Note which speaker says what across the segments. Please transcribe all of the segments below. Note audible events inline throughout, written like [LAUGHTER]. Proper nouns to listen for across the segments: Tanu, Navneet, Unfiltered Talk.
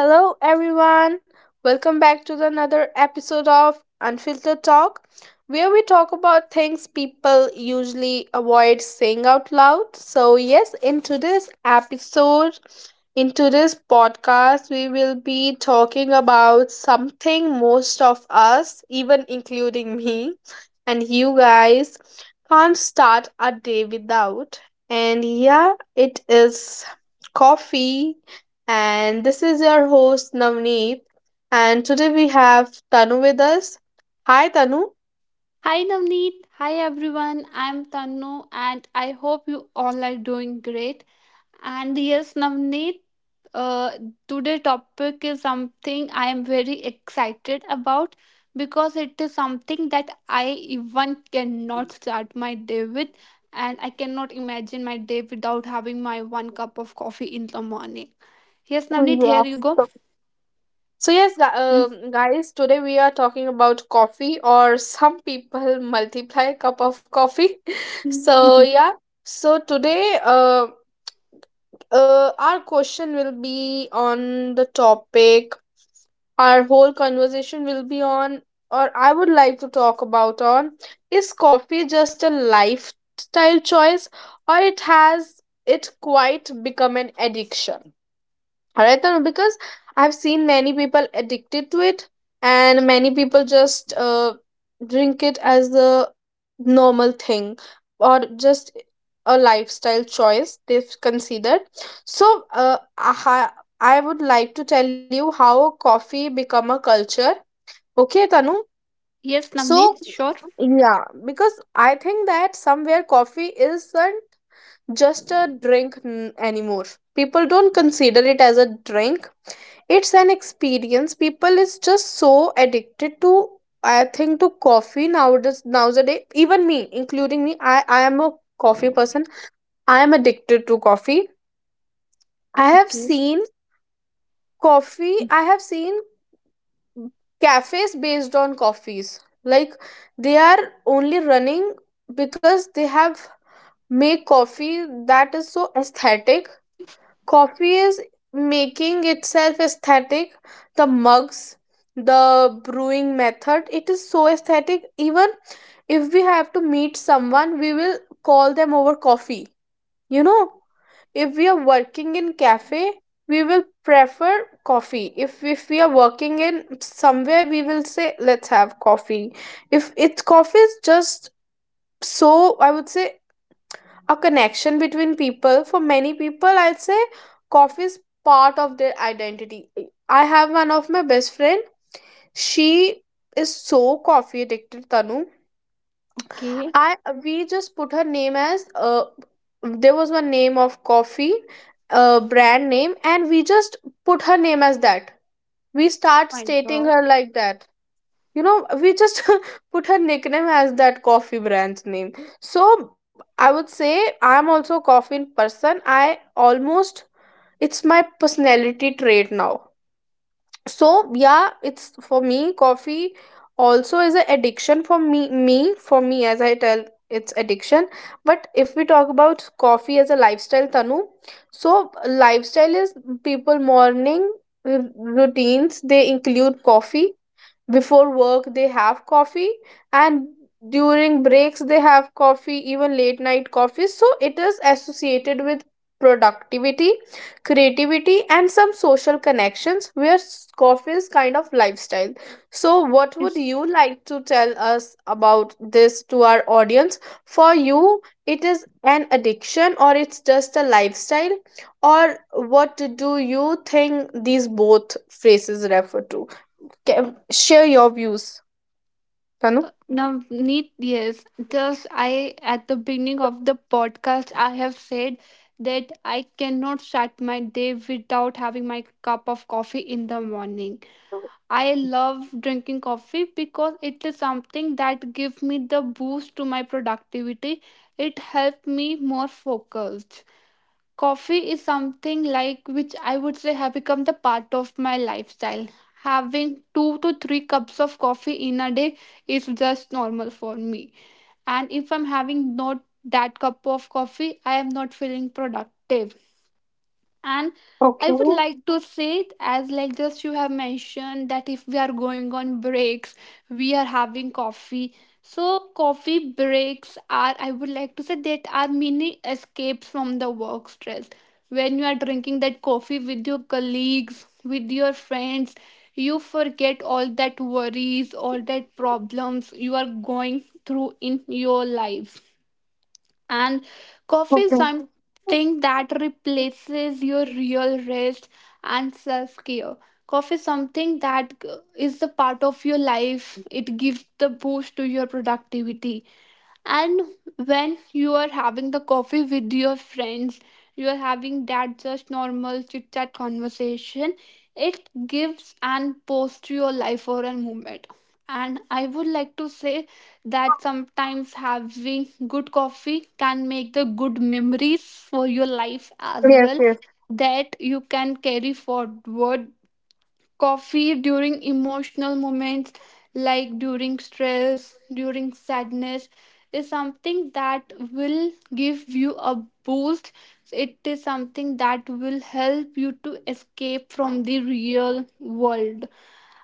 Speaker 1: Hello, everyone. Welcome back to the another episode of Unfiltered Talk, where we talk about things people usually avoid saying out loud. So, yes, in today's episode, in today's podcast, we will be talking about something most of us, even including me and you guys, can't start a day without. And yeah, it is coffee and this is your host Navneet. And today we have Tanu with us. Hi, Tanu.
Speaker 2: Hi Navneet, hi everyone. I'm Tannu and I hope you all are doing great. And yes, Navneet, uh, today topic is something I am very excited about because it is something that I even cannot start my day with and I cannot imagine my day without having my one cup of coffee in the morning. Yes, Navneet, here you
Speaker 1: Yes.
Speaker 2: go.
Speaker 1: So yes, guys, today we are talking about coffee, or some people multiply cup of coffee. [LAUGHS] So
Speaker 2: [LAUGHS]
Speaker 1: yeah, so today, our question will be on the topic, our whole conversation will be on, or I would like to talk about on, is coffee just a lifestyle choice or it has, it quite become an addiction. Alright, Tanu, because I've seen many people addicted to it and many people just drink it as the normal thing or just a lifestyle choice they've considered. So I would like to tell you how coffee become a culture, okay Tanu?
Speaker 2: Yes,
Speaker 1: So
Speaker 2: Navneet, sure.
Speaker 1: yeah, because I think that somewhere coffee isn't just a drink anymore. People don't consider it as a drink, it's an experience. People is just so addicted to, I think, to coffee nowadays. Nowadays, even me, including me, I am a coffee person, I am addicted to coffee. I have
Speaker 2: Okay.
Speaker 1: seen coffee, I have seen cafes based on coffees, like they are only running because they have made coffee that is so aesthetic. Coffee is making itself aesthetic, the mugs, the brewing method, it is so aesthetic. Even if we have to meet someone, we will call them over coffee, you know. If we are working in cafe, we will prefer coffee. If we are working in somewhere, we will say let's have coffee. If it's, coffee is just so, I would say, a connection between people. For many people, I'd say coffee is part of their identity. I have one of my best friend, she is so coffee addicted, Tanu.
Speaker 2: Okay.
Speaker 1: I, we just put her name as, there was one name of coffee, brand name, and we just put her name as that, we
Speaker 2: Oh
Speaker 1: start
Speaker 2: my
Speaker 1: stating
Speaker 2: god.
Speaker 1: her like that, you know. We just [LAUGHS] put her nickname as that coffee brand's name. So I would say I'm also a coffee person, I almost, it's my personality trait now. So yeah, it's, for me coffee also is an addiction for me. Me, for me, as I tell, it's addiction. But if we talk about coffee as a lifestyle, Tanu, so lifestyle is, people morning routines, they include coffee. Before work they have coffee, and during breaks they have coffee, even late night coffee. So it is associated with productivity, creativity, and some social connections, where coffee is kind of lifestyle. So what would you like to tell us about this to our audience? For you, it is an addiction or it's just a lifestyle, or what do you think these both phrases refer to? Share your views, Tanu.
Speaker 2: Now, need yes. Just I at the beginning of the podcast, I have said that I cannot start my day without having my cup of coffee in the morning. I love drinking coffee because it is something that gives me the boost to my productivity. It helps me more focused. Coffee is something like which I would say have become the part of my lifestyle. Having two to three cups of coffee in a day is just normal for me. And if I'm having not that cup of coffee, I am not feeling productive, and I
Speaker 1: Okay.
Speaker 2: would like to say it as like just you have mentioned that if we are going on breaks we are having coffee. So coffee breaks are, I would like to say, that are mini escapes from the work stress. When you are drinking that coffee with your colleagues, with your friends, you forget all that worries, all that problems you are going through in your life. And
Speaker 1: Okay.
Speaker 2: coffee is something that replaces your real rest and self-care. Coffee is something that is a part of your life. It gives the boost to your productivity. And when you are having the coffee with your friends, you are having that just normal chit chat conversation, it gives and posts your life for a moment. And I would like to say that sometimes having good coffee can make the good memories for your life
Speaker 1: Yes,
Speaker 2: as
Speaker 1: yes.
Speaker 2: well that you can carry forward. Coffee during emotional moments, like during stress, during sadness, is something that will give you a boost. It is something that will help you to escape from the real world.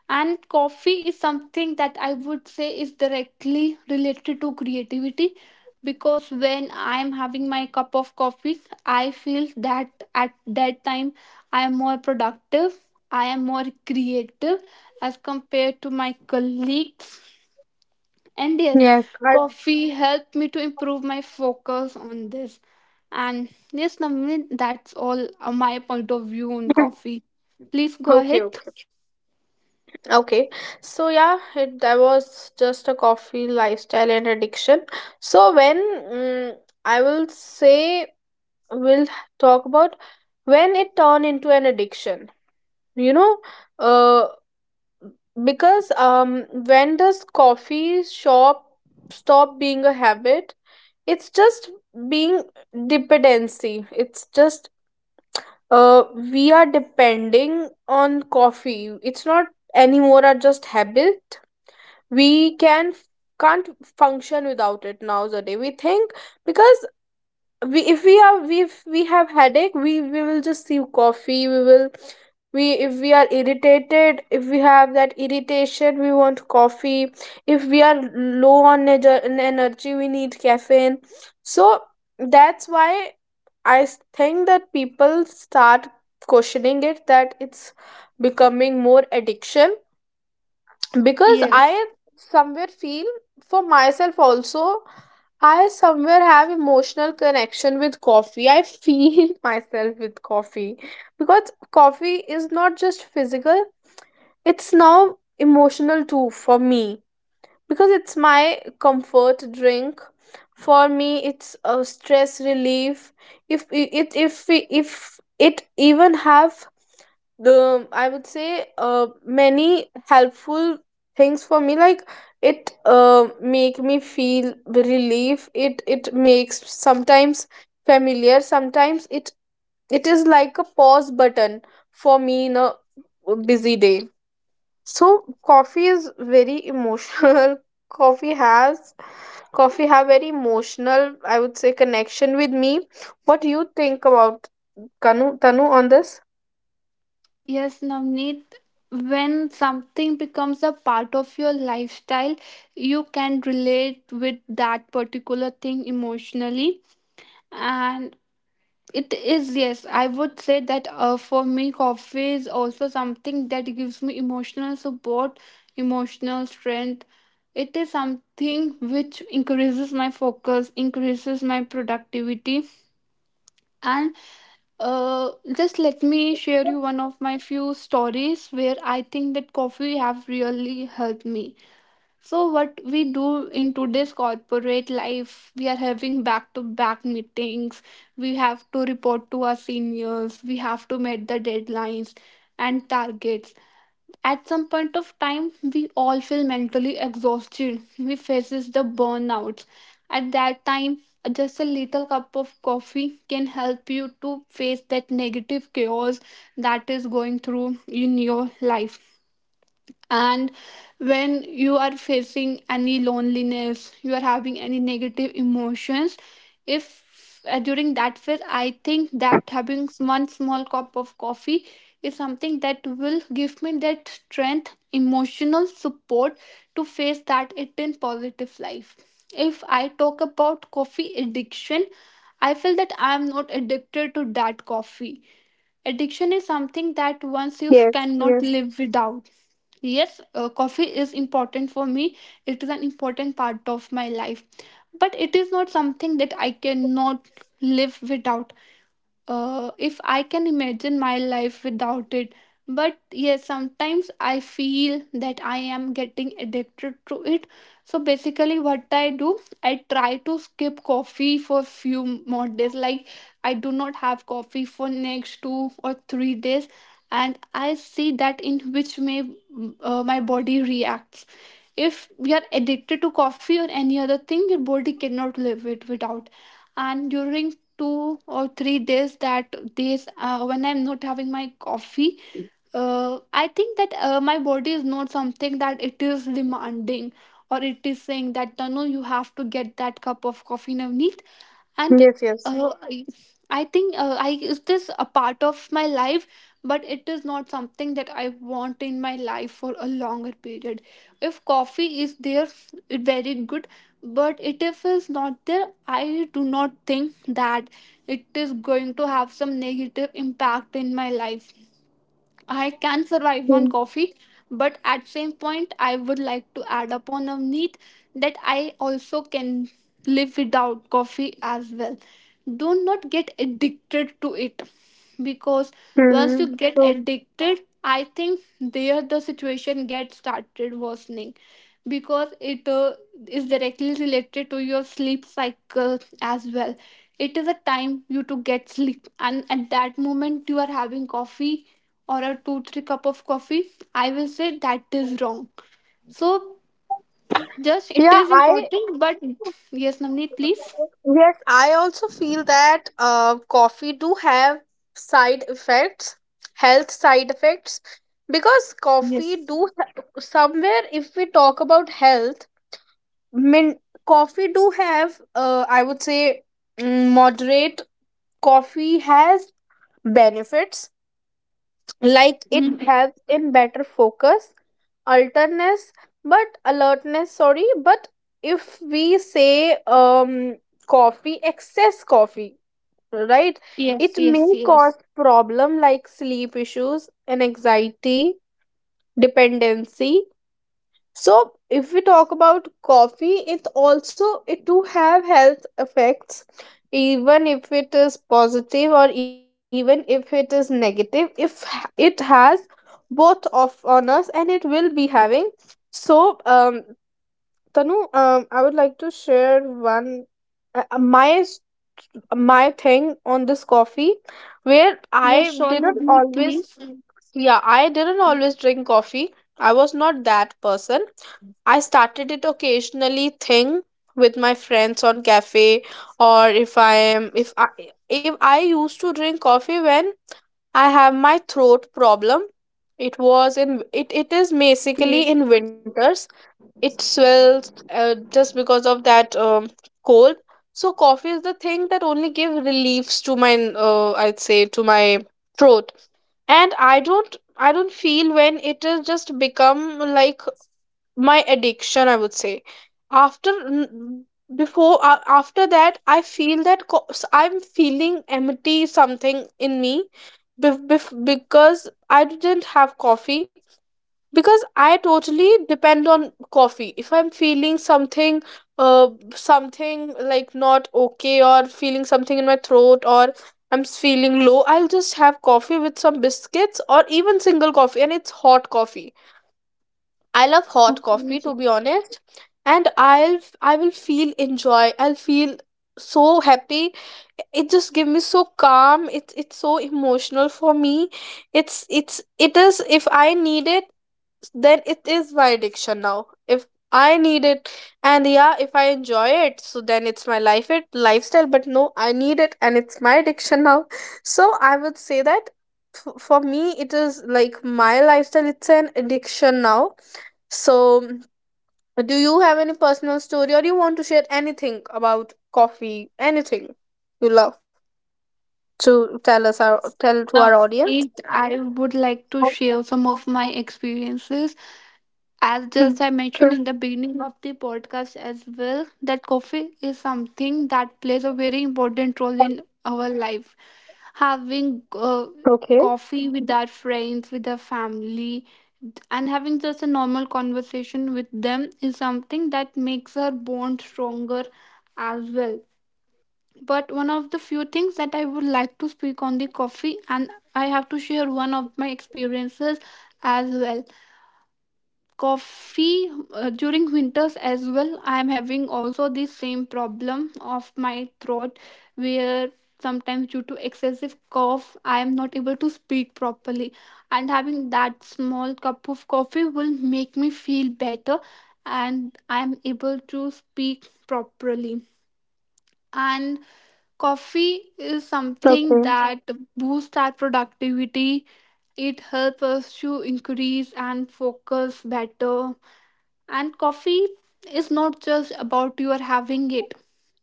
Speaker 2: And coffee is something that I would say is directly related to creativity because when I am having my cup of coffee, I feel that at that time I am more productive, I am more creative as compared to my colleagues. And
Speaker 1: Yes.
Speaker 2: yes,
Speaker 1: I,
Speaker 2: coffee helped me to improve my focus on this. And yes, Navneet, that's all my point of view on
Speaker 1: [LAUGHS] [CLEARS THROAT]
Speaker 2: coffee. Please go
Speaker 1: okay,
Speaker 2: ahead.
Speaker 1: okay. Okay, so yeah, it, that was just a coffee lifestyle and addiction. So when I will say we'll talk about when it turned into an addiction. You know, uh, because when does coffee shop stop being a habit? It's just being dependency, it's just uh we are depending on coffee, it's not anymore a just habit. We can, can't function without it nowadays, we think. Because we, if we are, we, if we have headache, we will just see coffee. We will, we, if we are irritated, if we have that irritation, we want coffee. If we are low on on energy, we need caffeine. So that's why I think that people start questioning it, that it's becoming more addiction. Because I
Speaker 2: Yes.
Speaker 1: somewhere feel, for myself also, I somewhere have emotional connection with coffee. I feel [LAUGHS] myself with coffee because coffee is not just physical, it's now emotional too for me, because it's my comfort drink. For me, it's a stress relief. If it, if if it even have the, I would say, many helpful things for me. Like it, make me feel relief, it makes sometimes familiar, sometimes it, it is like a pause button for me in a busy day. So coffee is very emotional. [LAUGHS] Coffee has, coffee have very emotional, I would say, connection with me. What do you think about kanu Tanu on this?
Speaker 2: Yes, Navneet, when something becomes a part of your lifestyle, you can relate with that particular thing emotionally. And it is, yes, I would say that for me, coffee is also something that gives me emotional support, emotional strength. It is
Speaker 1: Yes, yes.
Speaker 2: something which increases my focus, increases my productivity. And just let me share you one of my few stories where I think that coffee have really helped me. So what we do in today's corporate life, we are having back-to-back meetings. We have to report to our seniors. We have to meet the deadlines and targets. At some point of time we all feel mentally exhausted, we faces the burnouts. At that time just a little cup of coffee can help you to face that negative chaos that is going through in your life. And when you are facing any loneliness, you are having any negative emotions, if during that phase, I think that having one small cup of coffee is something that will give me that strength, emotional support to face that it in positive life. If I talk about coffee addiction, I feel that I am not addicted to that coffee. Addiction is something that once you
Speaker 1: Yes,
Speaker 2: cannot
Speaker 1: yes,
Speaker 2: live without. Yes, coffee is important for me. It is an important part of my life. But it is not something that I cannot live without. Uh, if I can imagine my life without it. But yes, sometimes I feel that I am getting addicted to it. So basically, what I do, I try to skip coffee for few more days. Like I do not have coffee for next 2 or 3 days, and I see that in which may my body reacts. If we are addicted to coffee or any other thing, your body cannot live it without. And during 2 or 3 days, that days when I'm not having my coffee, I think that my body is not something that it is demanding, or it is saying that no, no, you have to get that cup of coffee in a need. And
Speaker 1: yes, yes.
Speaker 2: uh, I, I think I is this a part of my life, but it is not something that I want in my life for a longer period. If coffee is there, it very good, but it if is not there, I do not think that it is going to have some negative impact in my life. I can survive on
Speaker 1: Mm,
Speaker 2: coffee, but at same point I would like to add upon a need that I also can live without coffee as well. Do not get addicted to it because once you
Speaker 1: mm-hmm.
Speaker 2: get
Speaker 1: So,
Speaker 2: addicted, I think there the situation gets started worsening because it is directly related to your sleep cycle as well. It is a time you to get sleep and at that moment you are having coffee or a 2 3 cup of coffee. I will say that is wrong. So just it
Speaker 1: yeah,
Speaker 2: is
Speaker 1: I,
Speaker 2: important, but yes, Navneet, please.
Speaker 1: yes, I also feel that coffee do have side effects, health side effects, because
Speaker 2: Yes.
Speaker 1: coffee do somewhere. If we talk about health, min coffee do have. I would say moderate coffee has benefits like it
Speaker 2: Mhm.
Speaker 1: helps in better focus, alertness. But alertness, sorry, but if we say coffee, excess coffee, right,
Speaker 2: Yes,
Speaker 1: it may
Speaker 2: yes, yes.
Speaker 1: cause problem like sleep issues and anxiety, dependency. So if we talk about coffee, it also, it do have health effects. Even if it is positive or even if it is negative, if it has both of on us, and it will be having. So Tanu, I would like to share one, my my thing on this coffee, where I
Speaker 2: Yes, sure,
Speaker 1: didn't
Speaker 2: Navneet,
Speaker 1: always.
Speaker 2: please.
Speaker 1: Yeah, I didn't always drink coffee. I was not that person. I started it occasionally thing with my friends on cafe, or if I am, if I, if I used to drink coffee when I have my throat problem. It was in it, it is basically
Speaker 2: Great.
Speaker 1: in winters. It swells just because of that cold. So coffee is the thing that only give reliefs to my I'd say to my throat. And I don't, I don't feel when it has just become like my addiction, I would say. After before, after that I feel that I'm feeling empty something in me, because I didn't have coffee. Because I totally depend on coffee. If I'm feeling something, uh something like not okay, or feeling something in my throat, or I'm feeling low, I'll just have coffee with some biscuits, or even single coffee, and it's hot coffee. I love hot coffee, to
Speaker 2: Okay.
Speaker 1: be honest. And I'll I will feel enjoy, I'll feel so happy. It just gives me so calm, it's so emotional for me. It's, it is, if I need it, then it is my addiction now. If I need it, and yeah, if I enjoy it, so then it's my life it lifestyle. But no, I need it, and it's my addiction now. So I would say that, for me it is like my lifestyle, it's an addiction now. So do you have any personal story or you want to share anything about coffee, anything you love to tell us our tell to our audience?
Speaker 2: Navneet, I would like to
Speaker 1: Okay.
Speaker 2: share some of my experiences. As
Speaker 1: Hmm.
Speaker 2: just I
Speaker 1: [LAUGHS]
Speaker 2: mentioned
Speaker 1: True.
Speaker 2: in the beginning of the podcast as well, that coffee is something that plays a very important role in our life, having
Speaker 1: Okay.
Speaker 2: coffee with our friends, with our family, and having just a normal conversation with them is something that makes our bond stronger as well. But one of the few things that I would like to speak on the coffee, and I have to share one of my experiences as well. Coffee during winters as well, I am having also the same problem of my throat, where sometimes due to excessive cough I am not able to speak properly, and having that small cup of coffee will make me feel better and I am able to speak properly. And coffee is something
Speaker 1: Okay.
Speaker 2: that boosts our productivity. It helps us to increase and focus better. And coffee is not just about your having it.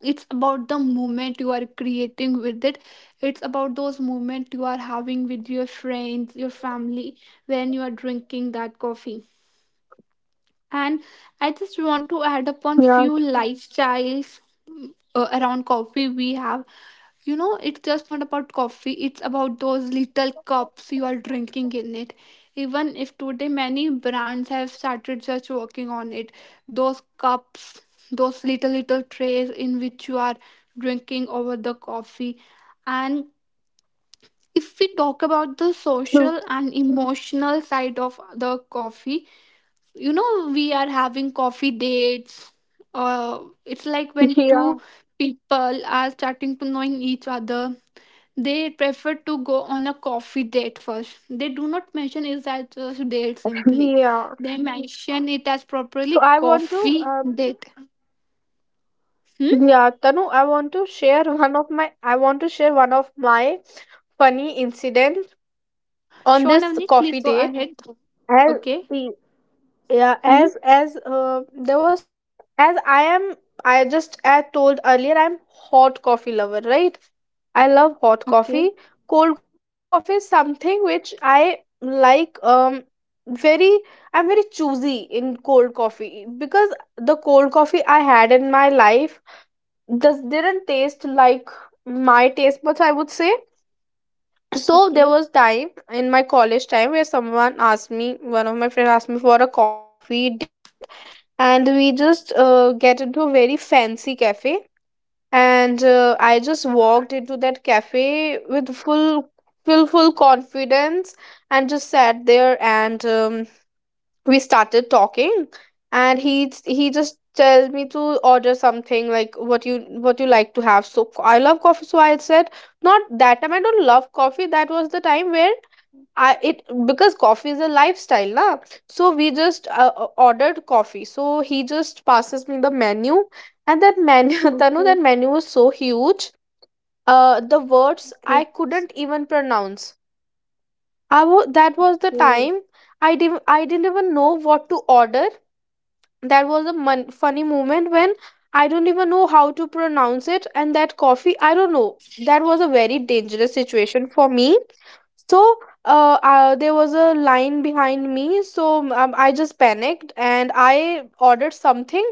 Speaker 2: It's about the moment you are creating with it. It's about those moments you are having with your friends, your family when you are drinking that coffee. And I just want to add upon
Speaker 1: Yeah,
Speaker 2: few lifestyles around coffee we have. You know, it's just not about coffee, it's about those little cups you are drinking in it. Even if today many brands have started just working on it, those cups, those little, little trays in which you are drinking over the coffee. And if we talk about the
Speaker 1: true.
Speaker 2: social and emotional side of the coffee, you know, we are having coffee dates. Uh, it's like when two
Speaker 1: Yeah,
Speaker 2: people are starting to knowing each other, they prefer to go on a coffee date first. They do not mention it as just date simply.
Speaker 1: yeah.
Speaker 2: They mention it as
Speaker 1: So
Speaker 2: properly
Speaker 1: I want to,
Speaker 2: coffee date. Hmm?
Speaker 1: yeah, Tanu, I want to share one of my, I want to share one of my funny incidents on
Speaker 2: Sean,
Speaker 1: this
Speaker 2: Avneet,
Speaker 1: coffee
Speaker 2: please go
Speaker 1: date.
Speaker 2: ahead.
Speaker 1: I,
Speaker 2: Okay.
Speaker 1: yeah,
Speaker 2: Hmm?
Speaker 1: as there was as I am, I just, I told earlier, I'm hot coffee lover, right? I love hot
Speaker 2: Okay.
Speaker 1: coffee. Cold coffee is something which I like, very, I'm very choosy in cold coffee, because the cold coffee I had in my life just didn't taste like my taste buds, I would say. So there
Speaker 2: Okay.
Speaker 1: was time in my college time where someone asked me, one of my friends asked me for a coffee date, and we just get into a very fancy cafe. And I just walked into that cafe with full, full full confidence, and just sat there, and we started talking. And he just tell me to order something, like what you, what you like to have. So I love coffee, so I said, not that time I don't love coffee, that was the time where I it, because coffee is a lifestyle na. So we just ordered coffee. So he just passes me the menu, and that menu, [LAUGHS] Tanu,
Speaker 2: Okay.
Speaker 1: that menu was so huge. Uh, the words I
Speaker 2: Okay.
Speaker 1: couldn't even pronounce. I that was the
Speaker 2: Okay.
Speaker 1: time, I didn't, I didn't even know what to order. That was a funny moment, when I don't even know how to pronounce it, and that coffee, I don't know. That was a very dangerous situation for me. So, there was a line behind me, so I just panicked and I ordered something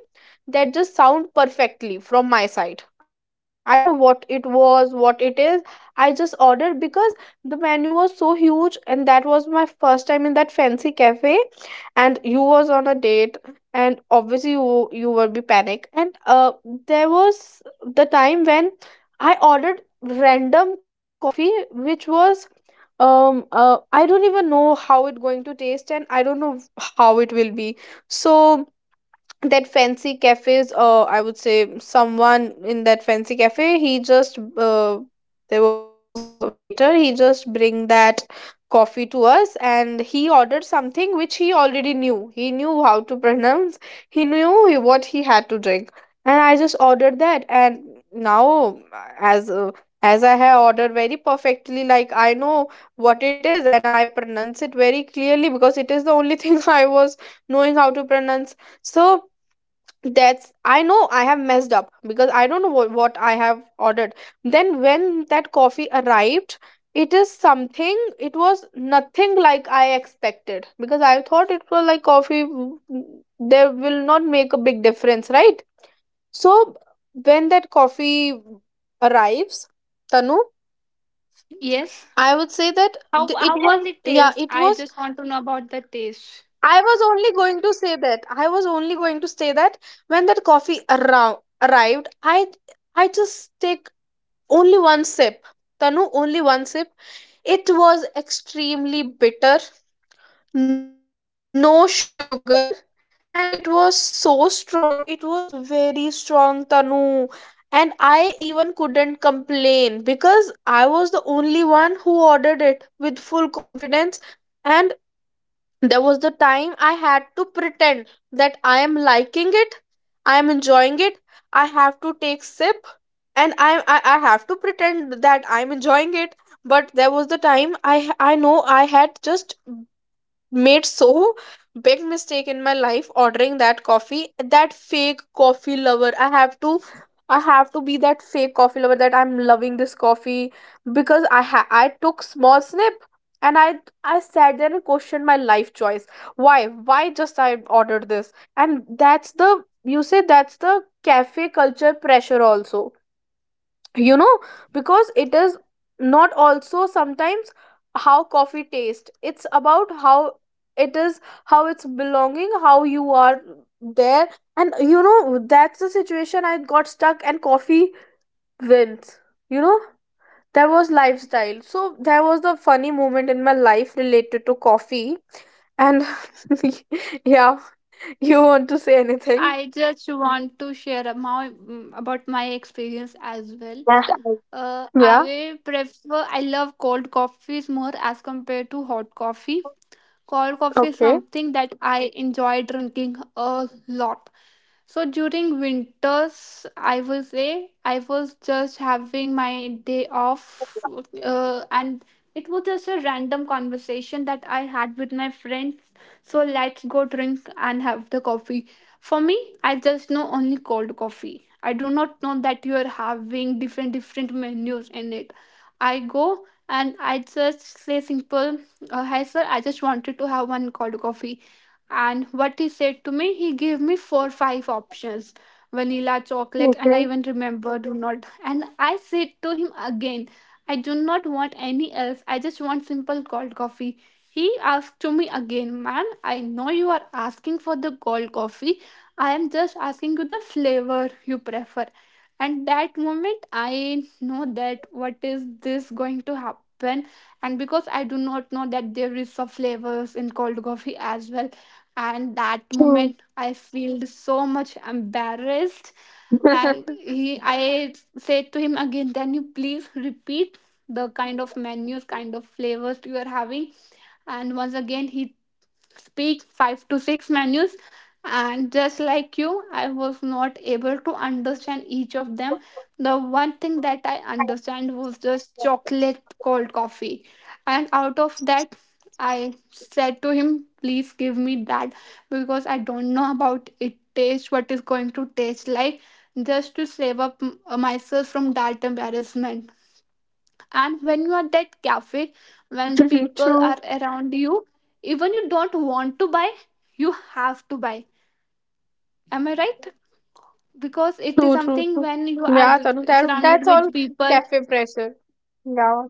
Speaker 1: that just sound perfectly from my side. I don't know what it was, what it is. I just ordered because the menu was so huge, and that was my first time in that fancy cafe. And you was on a date, and obviously you will be panic and there was the time when I ordered random coffee which was I don't even know how it going to taste, and I don't know how it will be. So that fancy cafes, I would say someone in that fancy cafe, he just there was a waiter, he just bring that coffee to us, and he ordered something which he already knew. He knew how to pronounce, he knew what he had to drink. And I just ordered that. And now, as uh, as I have ordered very perfectly, like I know what it is, and I pronounce it very clearly because it is the only [LAUGHS] thing I was knowing how to pronounce. So that's, I know I have messed up because I don't know what I have ordered. Then when that coffee arrived, it is something, it was nothing like I expected, because I thought it was like coffee there will not make a big difference, right? So when that coffee arrives, Tanu,
Speaker 2: Yes.
Speaker 1: I would say that
Speaker 2: How
Speaker 1: it
Speaker 2: how was
Speaker 1: was,
Speaker 2: it
Speaker 1: yeah,
Speaker 2: taste?
Speaker 1: it
Speaker 2: I
Speaker 1: was,
Speaker 2: just want to know about the taste.
Speaker 1: I was only going to say that. I was only going to say that when that coffee arrived, I just take only one sip. Tanu, only one sip. It was extremely bitter, no sugar, and it was so strong. It was very strong, Tanu. And I even couldn't complain because I was the only one who ordered it with full confidence. And there was the time I had to pretend that I am liking it, I am enjoying it, I have to take sip. And I have to pretend that I'm enjoying it. But there was the time I know I had just made so big mistake in my life ordering that coffee. That fake coffee lover, I have to be that fake coffee lover, that I'm loving this coffee, because I took small snip. And I sat there and questioned my life choice. Why just I ordered this? And that's the, you say, that's the cafe culture pressure also, you know, because it is, not also sometimes how coffee tastes, it's about how it is, how it's belonging, how you are there. And you know, that's the situation I got stuck, and coffee wins, you know. There was lifestyle, so there was the funny moment in my life related to coffee. And [LAUGHS] yeah, you want to say anything?
Speaker 2: I just want to share a my, about my experience as well.
Speaker 1: Yeah. Yeah,
Speaker 2: I prefer, I love cold coffees more as compared to hot coffee. Cold coffee is
Speaker 1: okay.
Speaker 2: something that I enjoy drinking a lot. So during winters, I will say I was just having my day off, and it was just a random conversation that I had with my friends. So let's go drink and have the coffee. For me, I just know only cold coffee. I do not know that you are having different different menus in it. I go and I just say simple, "Hi sir, I just wanted to have one cold coffee." And what he said to me, he gave me 4 5 options: vanilla, chocolate, and I
Speaker 1: Okay.
Speaker 2: even remember do not. And I said to him again, I do not want any else. I just want simple cold coffee. He asked to me again, ma'am, I know you are asking for the cold coffee. I am just asking you the flavor you prefer. And that moment, I know that what is this going to happen. And because I do not know that there is some flavors in cold coffee as well, and that
Speaker 1: True.
Speaker 2: moment I felt so much embarrassed. And
Speaker 1: [LAUGHS]
Speaker 2: he I said to him again, can you please repeat the kind of menus, kind of flavors you are having? And once again he speak 5 to 6 menus, and just like you, I was not able to understand each of them. The one thing that I understand was just chocolate cold coffee, and out of that I said to him, please give me that, because I don't know about it taste, what is going to taste like, just to save up myself from that embarrassment. And when you are that cafe, when
Speaker 1: True.
Speaker 2: the people are around you, even you don't want to buy, you have to buy. Am I right? Because
Speaker 1: True,
Speaker 2: it is
Speaker 1: true, true.
Speaker 2: something when you
Speaker 1: Yeah,
Speaker 2: are
Speaker 1: Tanu, that, that's
Speaker 2: surrounded
Speaker 1: all
Speaker 2: with people.
Speaker 1: cafe pressure. Yeah,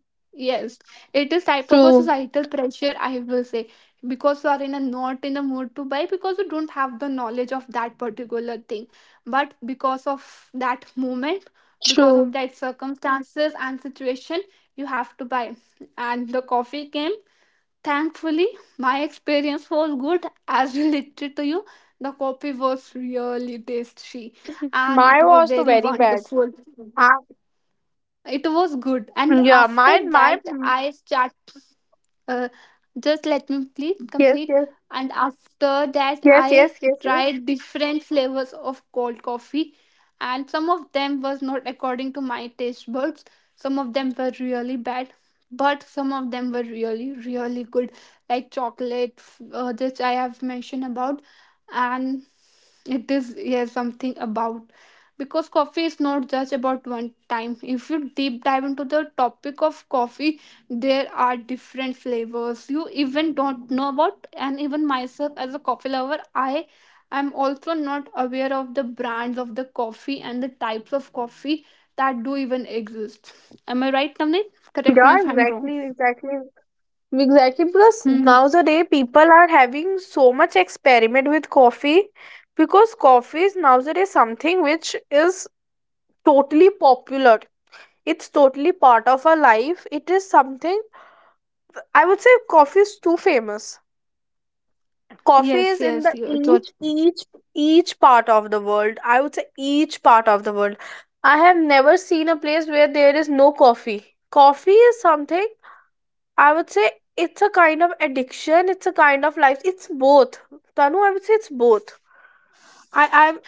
Speaker 2: Yes, it is type of a
Speaker 1: true,
Speaker 2: societal pressure I will say, because you are in a not in a mood to buy because you don't have the knowledge of that particular thing. But because of that moment, because of
Speaker 1: true.
Speaker 2: that circumstances and situation, you have to buy. And the coffee came. Thankfully, my experience was good as [LAUGHS] related to you. The coffee was really tasty
Speaker 1: [LAUGHS]
Speaker 2: and it
Speaker 1: Mine
Speaker 2: was
Speaker 1: was the
Speaker 2: very
Speaker 1: very bad.
Speaker 2: wonderful.
Speaker 1: Ah,
Speaker 2: It was good. And
Speaker 1: yeah,
Speaker 2: after
Speaker 1: mine,
Speaker 2: that,
Speaker 1: mine.
Speaker 2: I start uh, just let me please
Speaker 1: Yes,
Speaker 2: complete.
Speaker 1: yes,
Speaker 2: And after that,
Speaker 1: yes,
Speaker 2: I
Speaker 1: yes, yes, yes.
Speaker 2: tried different flavors of cold coffee, and some of them was not according to my taste buds. Some of them were really bad, but some of them were really really good, like chocolate, which I have mentioned about. And it is, yeah, something about, because coffee is not just about one time. If you deep dive into the topic of coffee, there are different flavors you even don't know about. And even myself as a coffee lover, I am also not aware of the brands of the coffee and the types of coffee that do even exist. Am I right, Navneet? Correct me
Speaker 1: Yeah,
Speaker 2: if I'm wrong.
Speaker 1: exactly, exactly. Exactly, because
Speaker 2: Hmm.
Speaker 1: nowadays people are having so much experiment with coffee, because coffee is nowadays something which is totally popular. It's totally part of our life. It is something, I would say coffee is too famous. Coffee
Speaker 2: Yes,
Speaker 1: is in the
Speaker 2: yes, you.
Speaker 1: each each part of the world. I would say each part of the world. I have never seen a place where there is no coffee. Coffee is something, I would say it's a kind of addiction, it's a kind of life. It's both. Tanu, I would say it's both. I'm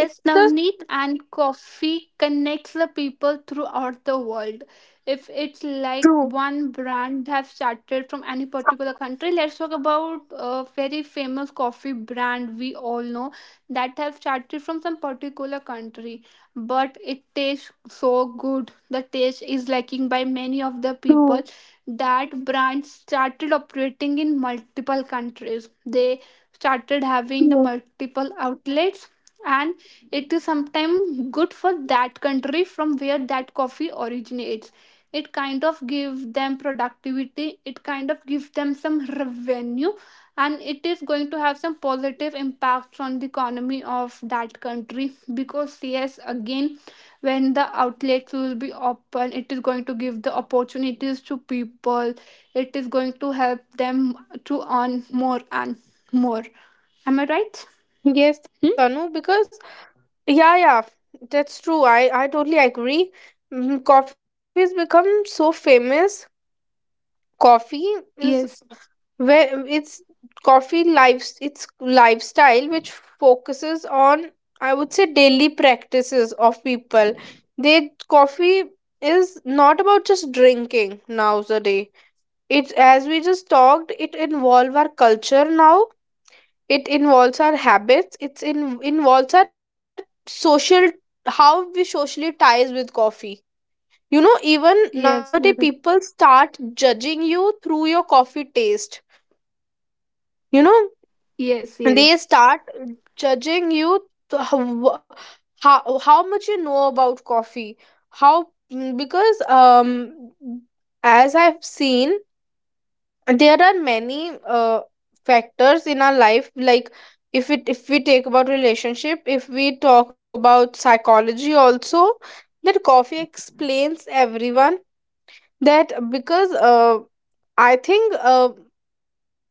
Speaker 1: it's just
Speaker 2: Navneet, and coffee connects the people throughout the world. If it's like
Speaker 1: true.
Speaker 2: one brand have started from any particular country, let's talk about a very famous coffee brand we all know that have started from some particular country, but it tastes so good. The taste is lacking by many of the people.
Speaker 1: True.
Speaker 2: That brand started operating in multiple countries. They started having the
Speaker 1: True.
Speaker 2: multiple outlets, and it is sometimes good for that country from where that coffee originates. It kind of give them productivity, it kind of gives them some revenue, and it is going to have some positive impacts on the economy of that country, because yes, again, when the outlets will be open, it is going to give the opportunities to people. It is going to help them to earn more and more. Am I right?
Speaker 1: Yes,
Speaker 2: Hmm?
Speaker 1: Tanu, because yeah, yeah, that's true. I totally agree. Mm, coffee has become so famous. Coffee is,
Speaker 2: Yes.
Speaker 1: where it's, coffee lives it's lifestyle which focuses on, I would say, daily practices of people. They, coffee is not about just drinking nowadays. It, as we just talked, it involves our culture now. It involves our habits, it's in involves our social, how we socially ties with coffee. You know, even
Speaker 2: Yes, you're
Speaker 1: nowadays
Speaker 2: right.
Speaker 1: people start judging you through your coffee taste. You know,
Speaker 2: Yes,
Speaker 1: they
Speaker 2: yes,
Speaker 1: start judging you, how, how much you know about coffee, how. Because as I've seen, there are many factors in our life like, if it, if we take about relationship, if we talk about psychology also, that coffee explains everyone, that because, I think,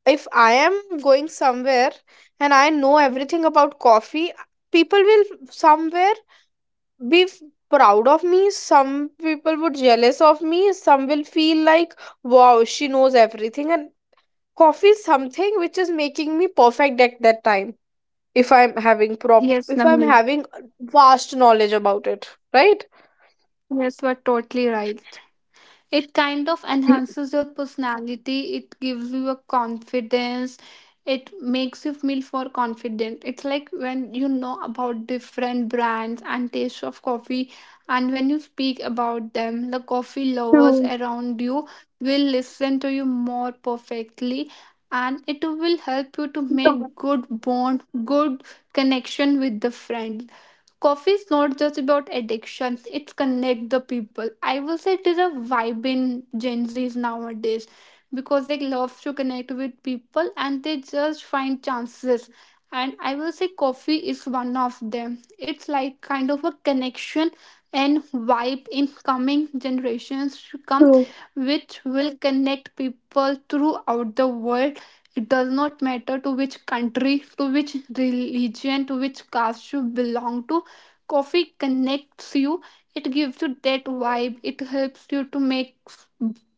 Speaker 1: if I am going somewhere and I know everything about coffee, people will somewhere be f- proud of me. Some people would jealous of me. Some will feel like, wow, she knows everything. And coffee is something which is making me perfect at that time. If I'm having
Speaker 2: yes,
Speaker 1: if I'm
Speaker 2: Navneet.
Speaker 1: having vast knowledge about it, right?
Speaker 2: Yes, you are totally right. It kind of enhances your personality. It gives you a confidence. It makes you feel more confident. It's like when you know about different brands and tastes of coffee, and when you speak about them, the coffee lovers
Speaker 1: True.
Speaker 2: around you will listen to you more perfectly, and it will help you to make good bond, good connection with the friend. Coffee is not just about addiction, it's connect the people, I will say. It is a vibe in Gen Z's nowadays, because they love to connect with people and they just find chances, and I will say coffee is one of them. It's like kind of a connection and vibe in coming generations to come,
Speaker 1: True.
Speaker 2: which will connect people throughout the world. It does not matter to which country, to which religion, to which caste you belong to, coffee connects you. It gives you that vibe, it helps you to make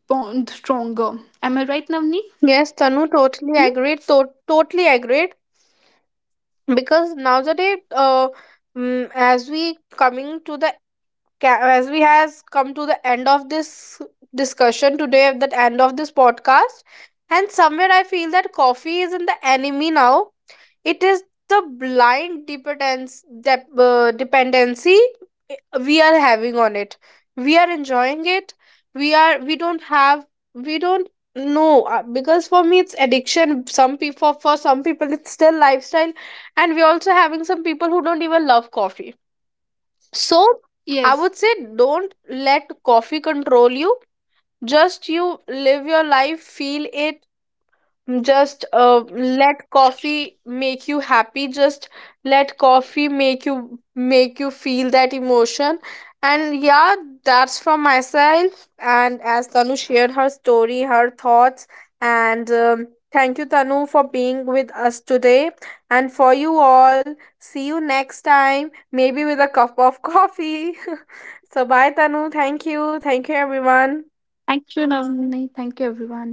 Speaker 2: bond stronger. Am I right, Navni?
Speaker 1: Yes, Tanu, totally
Speaker 2: Hmm?
Speaker 1: agreed. Totally agreed. Because nowadays, mm, as we coming to the as we has come to the end of this discussion today, at the end of this podcast, and somewhere I feel that coffee is in the enemy now. It is the blind dependence, dependency, we are having on it. We are enjoying it. We are, we don't have, we don't know. Because for me it's addiction, some people, for some people it's still lifestyle. And we're also having some people who don't even love coffee. So I
Speaker 2: Yes.
Speaker 1: would say, don't let coffee control you. Just you live your life, feel it, just let coffee make you happy. Just let coffee make you, make you feel that emotion. And yeah, that's from myself. And as Tanu shared her story, her thoughts, and thank you, Tanu, for being with us today, and for you all, see you next time, maybe with a cup of coffee. [LAUGHS] So bye Tanu, thank you, thank you everyone.
Speaker 2: Thank you, Navni, thank you everyone.